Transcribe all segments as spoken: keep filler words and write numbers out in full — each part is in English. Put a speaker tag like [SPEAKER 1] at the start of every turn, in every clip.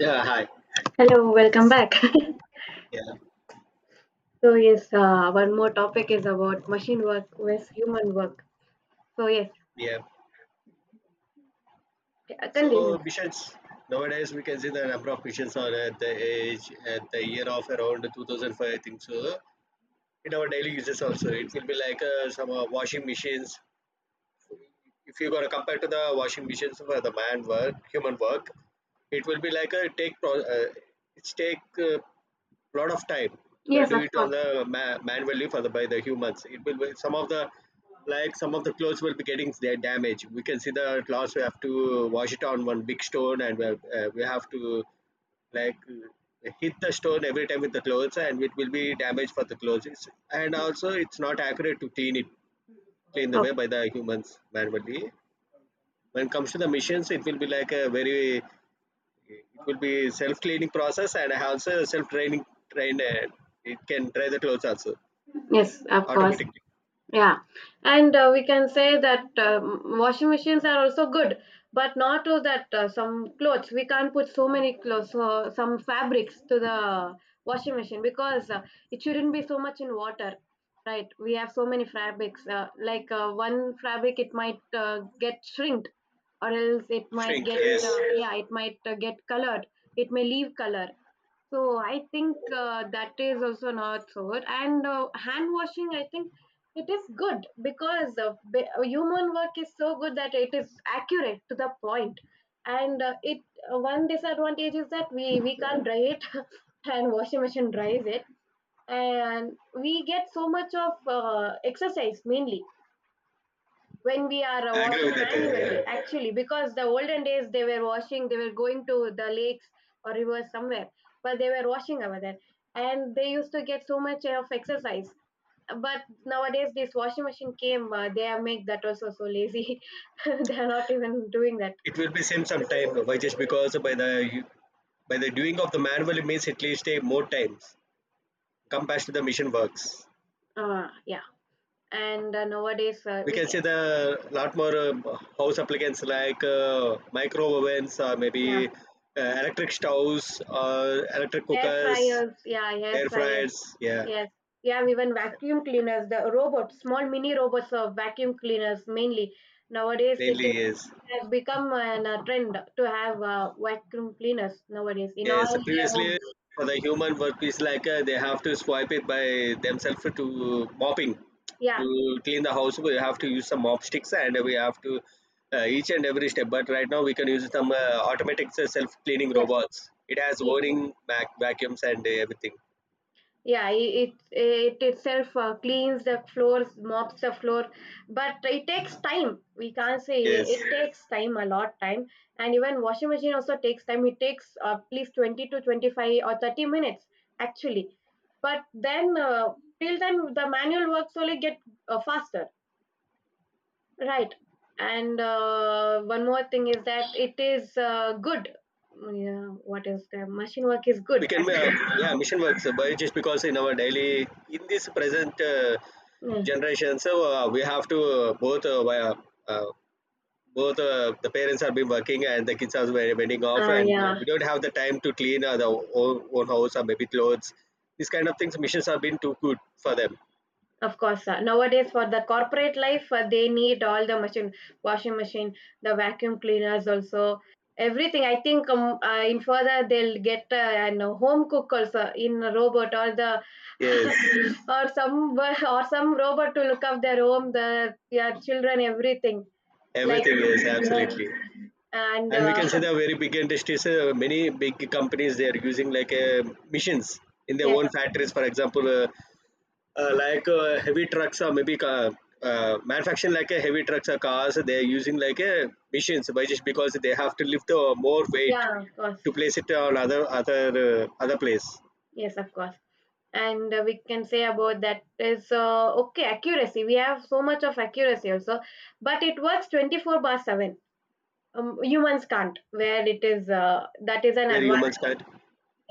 [SPEAKER 1] Yeah, hi.
[SPEAKER 2] Hello, welcome back.
[SPEAKER 1] Yeah,
[SPEAKER 2] So yes, uh, one more topic is about machine work with human work. So yes,
[SPEAKER 1] yeah.
[SPEAKER 2] uh, continue.
[SPEAKER 1] So missions nowadays we can see the number of missions are at the age at the year of around two thousand five, I think so. In our daily uses also, it will be like uh, some uh, washing machines. If you gonna compare to the washing machines for the man work, human work, it will be like a take pro. Uh, it's take uh, a lot of time will
[SPEAKER 2] Yes,
[SPEAKER 1] do
[SPEAKER 2] of
[SPEAKER 1] it on
[SPEAKER 2] course.
[SPEAKER 1] the ma- manually for the by the humans it will be some of the like some of the clothes will be getting their damage. We can see the clothes we have to wash it on one big stone and we have, uh, we have to like uh, hit the stone every time with the clothes and it will be damaged for the clothes. It's- and
[SPEAKER 2] Yes.
[SPEAKER 1] also it's not accurate to clean it, clean the
[SPEAKER 2] Okay.
[SPEAKER 1] way by the humans manually. When it comes to the machines it will be like a very, it will be self cleaning process and I have also self training, trained uh, It can dry the clothes also
[SPEAKER 2] Yes, of course.
[SPEAKER 1] automatically.
[SPEAKER 2] Yeah, and uh, we can say that um, washing machines are also good, but not to that uh, some clothes. We can't put so many clothes, so some fabrics to the washing machine because uh, it shouldn't be so much in water, right? We have so many fabrics. Uh, like, uh, one fabric, it might uh, get shrinked, or else it might
[SPEAKER 1] Shrink,
[SPEAKER 2] get
[SPEAKER 1] yes.
[SPEAKER 2] uh, yeah, it might uh, get colored. It may leave color. So I think uh, that is also not so good. And uh, hand washing, I think it is good because uh, be- uh, human work is so good that it is accurate to the point. And uh, it uh, one disadvantage is that we we can't dry it, and washing machine dries it, and we get so much of uh, exercise mainly when we are uh,
[SPEAKER 1] I agree
[SPEAKER 2] washing
[SPEAKER 1] with that, uh,
[SPEAKER 2] manually.
[SPEAKER 1] yeah.
[SPEAKER 2] Actually, because the olden days they were washing, they were going to the lakes or rivers somewhere, but they were washing over there, and they used to get so much of exercise, but nowadays, this washing machine came. Uh, they have make that also so lazy. They are not even doing that.
[SPEAKER 1] It will be same sometime, why? Just because by the, by the doing of the manual it means at least take more times compared to the machine works.
[SPEAKER 2] Uh, yeah. And uh, nowadays, uh,
[SPEAKER 1] We
[SPEAKER 2] we
[SPEAKER 1] can
[SPEAKER 2] can.
[SPEAKER 1] see the lot more um, house appliances like uh, micro ovens, or
[SPEAKER 2] Yeah,
[SPEAKER 1] maybe uh, electric stoves or electric
[SPEAKER 2] air
[SPEAKER 1] cookers,
[SPEAKER 2] fryers. Yeah, air
[SPEAKER 1] air
[SPEAKER 2] fryers.
[SPEAKER 1] fryers, yeah.
[SPEAKER 2] Yes. We have even vacuum cleaners. The robots, small mini robots of vacuum cleaners mainly. Nowadays, it
[SPEAKER 1] Mainly, yes.
[SPEAKER 2] has become an, a trend to have uh, vacuum cleaners nowadays in
[SPEAKER 1] Yes,
[SPEAKER 2] all their homes.
[SPEAKER 1] previously for the human work is like uh, they have to swipe it by themselves to mopping,
[SPEAKER 2] Yeah.
[SPEAKER 1] to clean the house. We have to use some mop sticks and we have to, uh, each and every step. But right now we can use some uh, automatic self cleaning
[SPEAKER 2] Yes.
[SPEAKER 1] robots. It has
[SPEAKER 2] Yes.
[SPEAKER 1] whirring vac- vacuums and uh, everything.
[SPEAKER 2] Yeah, i- it it itself uh, cleans the floors, mops the floor, but it takes time. We can't say it
[SPEAKER 1] Yes,
[SPEAKER 2] takes time a lot time, and even washing machine also takes time. It takes at least twenty to twenty five or thirty minutes actually, but then uh, till then the manual works only get uh, faster, right? And uh, one more thing is that it is uh, good. Yeah, what is the machine work is good
[SPEAKER 1] we can.
[SPEAKER 2] actually.
[SPEAKER 1] Uh, yeah, mission works. uh, But just because in our daily in this present uh,
[SPEAKER 2] Yeah,
[SPEAKER 1] generation, so uh, we have to uh, both uh, wi- uh, both uh, the parents have been working and the kids are very wedding off
[SPEAKER 2] uh,
[SPEAKER 1] and
[SPEAKER 2] yeah.
[SPEAKER 1] we don't have the time to clean, uh, the own, own house or maybe clothes. These kind of things missions have been too good for them.
[SPEAKER 2] Of course, sir. Nowadays for the corporate life, uh, they need all the machine, washing machine, the vacuum cleaners also, everything. I think um, uh, in further they'll get uh, an uh, home cook also in a robot or the
[SPEAKER 1] Yes,
[SPEAKER 2] or some or some robot to look up their home, the their children, everything like
[SPEAKER 1] everything is
[SPEAKER 2] yes.
[SPEAKER 1] absolutely.
[SPEAKER 2] And
[SPEAKER 1] And we
[SPEAKER 2] uh,
[SPEAKER 1] can see the very big industries, uh, many big companies they are using like uh, missions in their
[SPEAKER 2] yes,
[SPEAKER 1] own
[SPEAKER 2] of course.
[SPEAKER 1] factories, for example uh, uh, like uh, heavy trucks, or maybe ca- uh, manufacturing like a heavy trucks or cars. They're using like a machines, by just because they have to lift the more weight
[SPEAKER 2] Yeah, of course,
[SPEAKER 1] to place it on other, other uh, other place
[SPEAKER 2] yes, of course. And uh, we can say about that is uh, okay accuracy we have so much of accuracy also, but it works twenty four bar seven. Um, humans can't where it is, uh, that is an
[SPEAKER 1] where humans
[SPEAKER 2] advantage.
[SPEAKER 1] can't.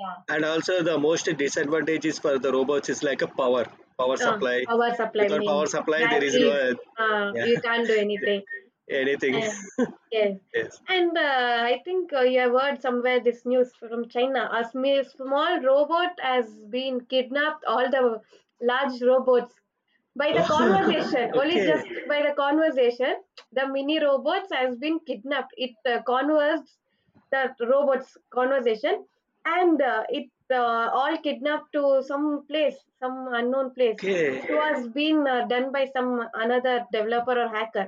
[SPEAKER 2] Yeah.
[SPEAKER 1] And also the most disadvantage is for the robots is like a power, power
[SPEAKER 2] uh,
[SPEAKER 1] supply.
[SPEAKER 2] Power supply
[SPEAKER 1] Without power
[SPEAKER 2] mainly
[SPEAKER 1] supply there is no
[SPEAKER 2] batteries.
[SPEAKER 1] uh,
[SPEAKER 2] Uh,
[SPEAKER 1] yeah,
[SPEAKER 2] you can't do anything.
[SPEAKER 1] anything.
[SPEAKER 2] And yes.
[SPEAKER 1] Yes.
[SPEAKER 2] And uh, I think uh, you have heard somewhere this news from china. A sm- small robot has been kidnapped all the large robots. By the conversation, only
[SPEAKER 1] Okay.
[SPEAKER 2] just by the conversation, the mini robots has been kidnapped. It uh, conversed the robots conversation, and uh, it uh, all kidnapped to some place, some unknown place.
[SPEAKER 1] Okay.
[SPEAKER 2] It was being uh, done by some another developer or hacker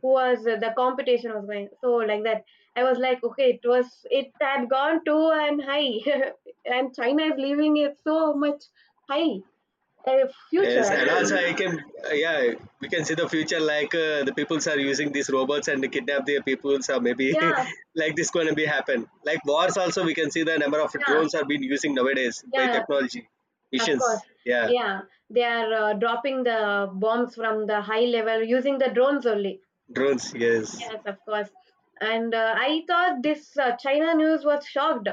[SPEAKER 2] who was uh, the competition was going so like that. I was like, okay, it was it had gone too and high, and China is leaving it so much high a future.
[SPEAKER 1] Yes, and also
[SPEAKER 2] Actually.
[SPEAKER 1] I can, uh, yeah, we can see the future like uh, the peoples are using these robots and kidnap their peoples, or maybe
[SPEAKER 2] Yeah,
[SPEAKER 1] like this going to be happen. Like wars, also we can see the number of
[SPEAKER 2] yeah,
[SPEAKER 1] drones are being using nowadays by
[SPEAKER 2] yeah,
[SPEAKER 1] technology
[SPEAKER 2] of course.
[SPEAKER 1] missions. Yeah,
[SPEAKER 2] Yeah, they are uh, dropping the bombs from the high level using the drones only.
[SPEAKER 1] drones. Yes.
[SPEAKER 2] Yes, of course. And uh, I thought this uh, China news was shocked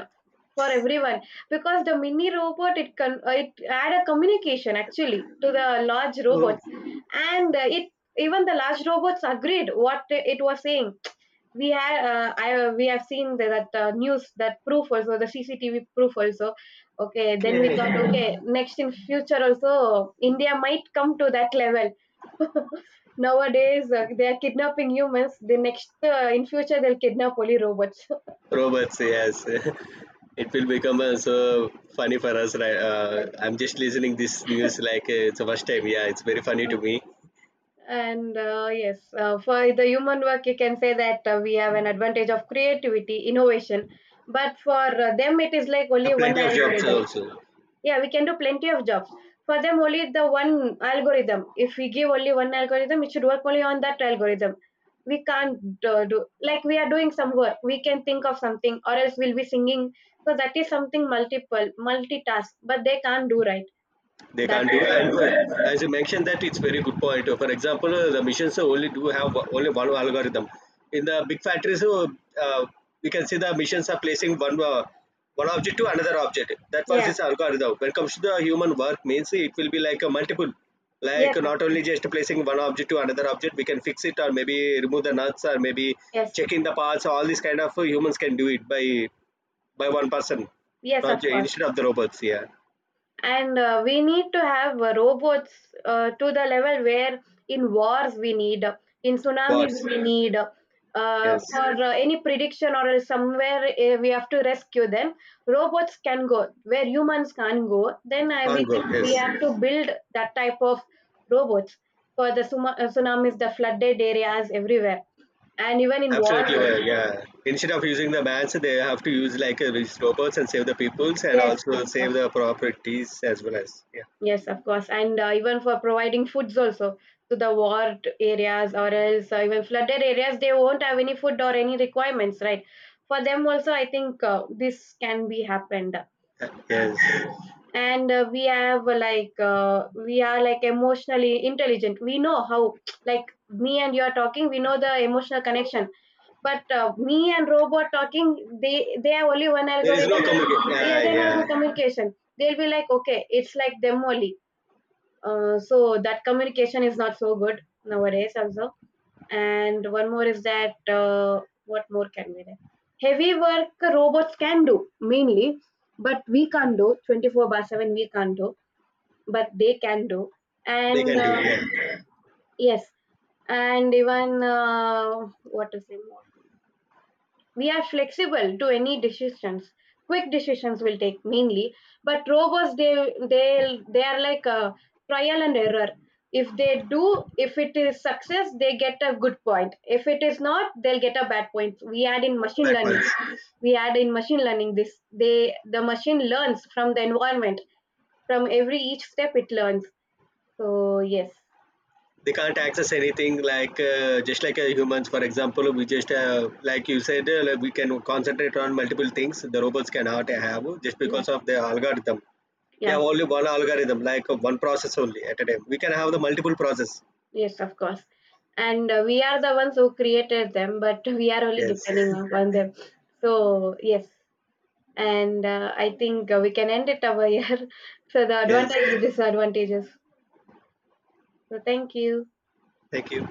[SPEAKER 2] for everyone because the mini robot it con- uh, it had a communication actually to the large robots, and uh, it even the large robots agreed what it was saying. We had uh, I we have seen that, uh, news that proof also, the C C T V proof also. Okay, then we
[SPEAKER 1] Okay.
[SPEAKER 2] thought okay next in future also India might come to that level. Nowadays, uh, they are kidnapping humans. The next, uh, in future, they'll kidnap only robots.
[SPEAKER 1] Robots. Yes. It will become uh, so funny for us. Right? Uh,
[SPEAKER 2] Yes.
[SPEAKER 1] I'm just listening this news like uh, it's the first time. Yeah, it's very funny to me.
[SPEAKER 2] And uh, yes, uh, for the human work, you can say that uh, we have an advantage of creativity, innovation. But for uh, them, it is like
[SPEAKER 1] Uh,
[SPEAKER 2] only one
[SPEAKER 1] plenty of jobs
[SPEAKER 2] algorithm.
[SPEAKER 1] also.
[SPEAKER 2] Yeah, we can do plenty of jobs. For them, only the one algorithm. If we give only one algorithm, it should work only on that algorithm. We can't uh, do like we are doing some work. We can think of something, or else we'll be singing. So that is something multiple, multitask. But they can't do right.
[SPEAKER 1] They
[SPEAKER 2] That
[SPEAKER 1] can't do. And
[SPEAKER 2] is,
[SPEAKER 1] for, as you mentioned that it's very good point. Uh, for example uh, the machines uh, only do have o- only one algorithm in the big factories. uh, uh, we can see the machines are placing one uh, one object to another object. That was
[SPEAKER 2] yeah,
[SPEAKER 1] this algorithm. When it comes to the human work means it will be like a multiple,
[SPEAKER 2] yes,
[SPEAKER 1] like
[SPEAKER 2] of
[SPEAKER 1] not
[SPEAKER 2] course,
[SPEAKER 1] only just placing one object to another object. We can fix it or maybe remove the nuts or maybe
[SPEAKER 2] yes,
[SPEAKER 1] checking the parts, all these kind of uh, humans can do it by by one person,
[SPEAKER 2] yes,
[SPEAKER 1] not
[SPEAKER 2] of
[SPEAKER 1] ju-
[SPEAKER 2] course.
[SPEAKER 1] instead of the robots, yeah.
[SPEAKER 2] And uh, we need to have uh, robots uh, to the level where in wars we need, in
[SPEAKER 1] Bots,
[SPEAKER 2] tsunamis we need, uh,
[SPEAKER 1] yes.
[SPEAKER 2] for uh, any prediction or else somewhere uh, we have to rescue them. Robots can go where humans can't go, then I,
[SPEAKER 1] Can't
[SPEAKER 2] we
[SPEAKER 1] work.
[SPEAKER 2] think we
[SPEAKER 1] Yes,
[SPEAKER 2] have to build that type of robots for the suma- uh, tsunamis, the flooded areas everywhere, and even in wars
[SPEAKER 1] absolutely.
[SPEAKER 2] also.
[SPEAKER 1] Well, yeah. Instead of using the mans, they have to use like uh, these robots and save the peoples and
[SPEAKER 2] Yes of
[SPEAKER 1] also save
[SPEAKER 2] course.
[SPEAKER 1] the properties as well as, yeah.
[SPEAKER 2] Yes, of course, and uh, even for providing foods also to the war areas or else uh, even flooded areas, they won't have any food or any requirements, right? For them also, I think uh, this can be happened.
[SPEAKER 1] Uh, Yes,
[SPEAKER 2] And uh, we have uh, like uh, we are like emotionally intelligent. We know how like me and you are talking. We know the emotional connection. But uh, me and robot talking, they they have only one
[SPEAKER 1] there is no
[SPEAKER 2] algorithm.
[SPEAKER 1] communication.
[SPEAKER 2] Like, yeah,
[SPEAKER 1] Yeah,
[SPEAKER 2] they does have
[SPEAKER 1] yeah.
[SPEAKER 2] a communication. They'll be like, okay, it's like them only. Uh, so that communication is not so good nowadays also. And one more is that uh, what more can we do? Heavy work robots can do mainly, but we can't do twenty four by seven. We can't do, but they can do.
[SPEAKER 1] They
[SPEAKER 2] And
[SPEAKER 1] can do.
[SPEAKER 2] uh,
[SPEAKER 1] Yeah,
[SPEAKER 2] yes, and even uh, what to say more? We are flexible to any decisions. Quick decisions will take mainly, but robots they they they are like a trial and error. If they do, if it is success, they get a good point. If it is not, they'll get a bad point. We add in machine
[SPEAKER 1] that
[SPEAKER 2] learning.
[SPEAKER 1] points.
[SPEAKER 2] We add in machine learning this. They the machine learns from the environment. From every each step it learns. So yes.
[SPEAKER 1] They can't access anything like uh, just like uh, humans. For example, we just uh, like you said, uh, like we can concentrate on multiple things. The robots cannot have, just
[SPEAKER 2] Yeah.
[SPEAKER 1] because of the algorithm. They
[SPEAKER 2] Yeah.
[SPEAKER 1] have only one algorithm, like uh, one process only at a time. We can have the multiple process.
[SPEAKER 2] Yes, of course. And uh, we are the ones who created them, but we are only
[SPEAKER 1] Yes.
[SPEAKER 2] depending upon them. So, yes. And uh, I think uh, we can end it over here. So, the
[SPEAKER 1] Yes,
[SPEAKER 2] advantages, disadvantages. So, thank you.
[SPEAKER 1] thank you.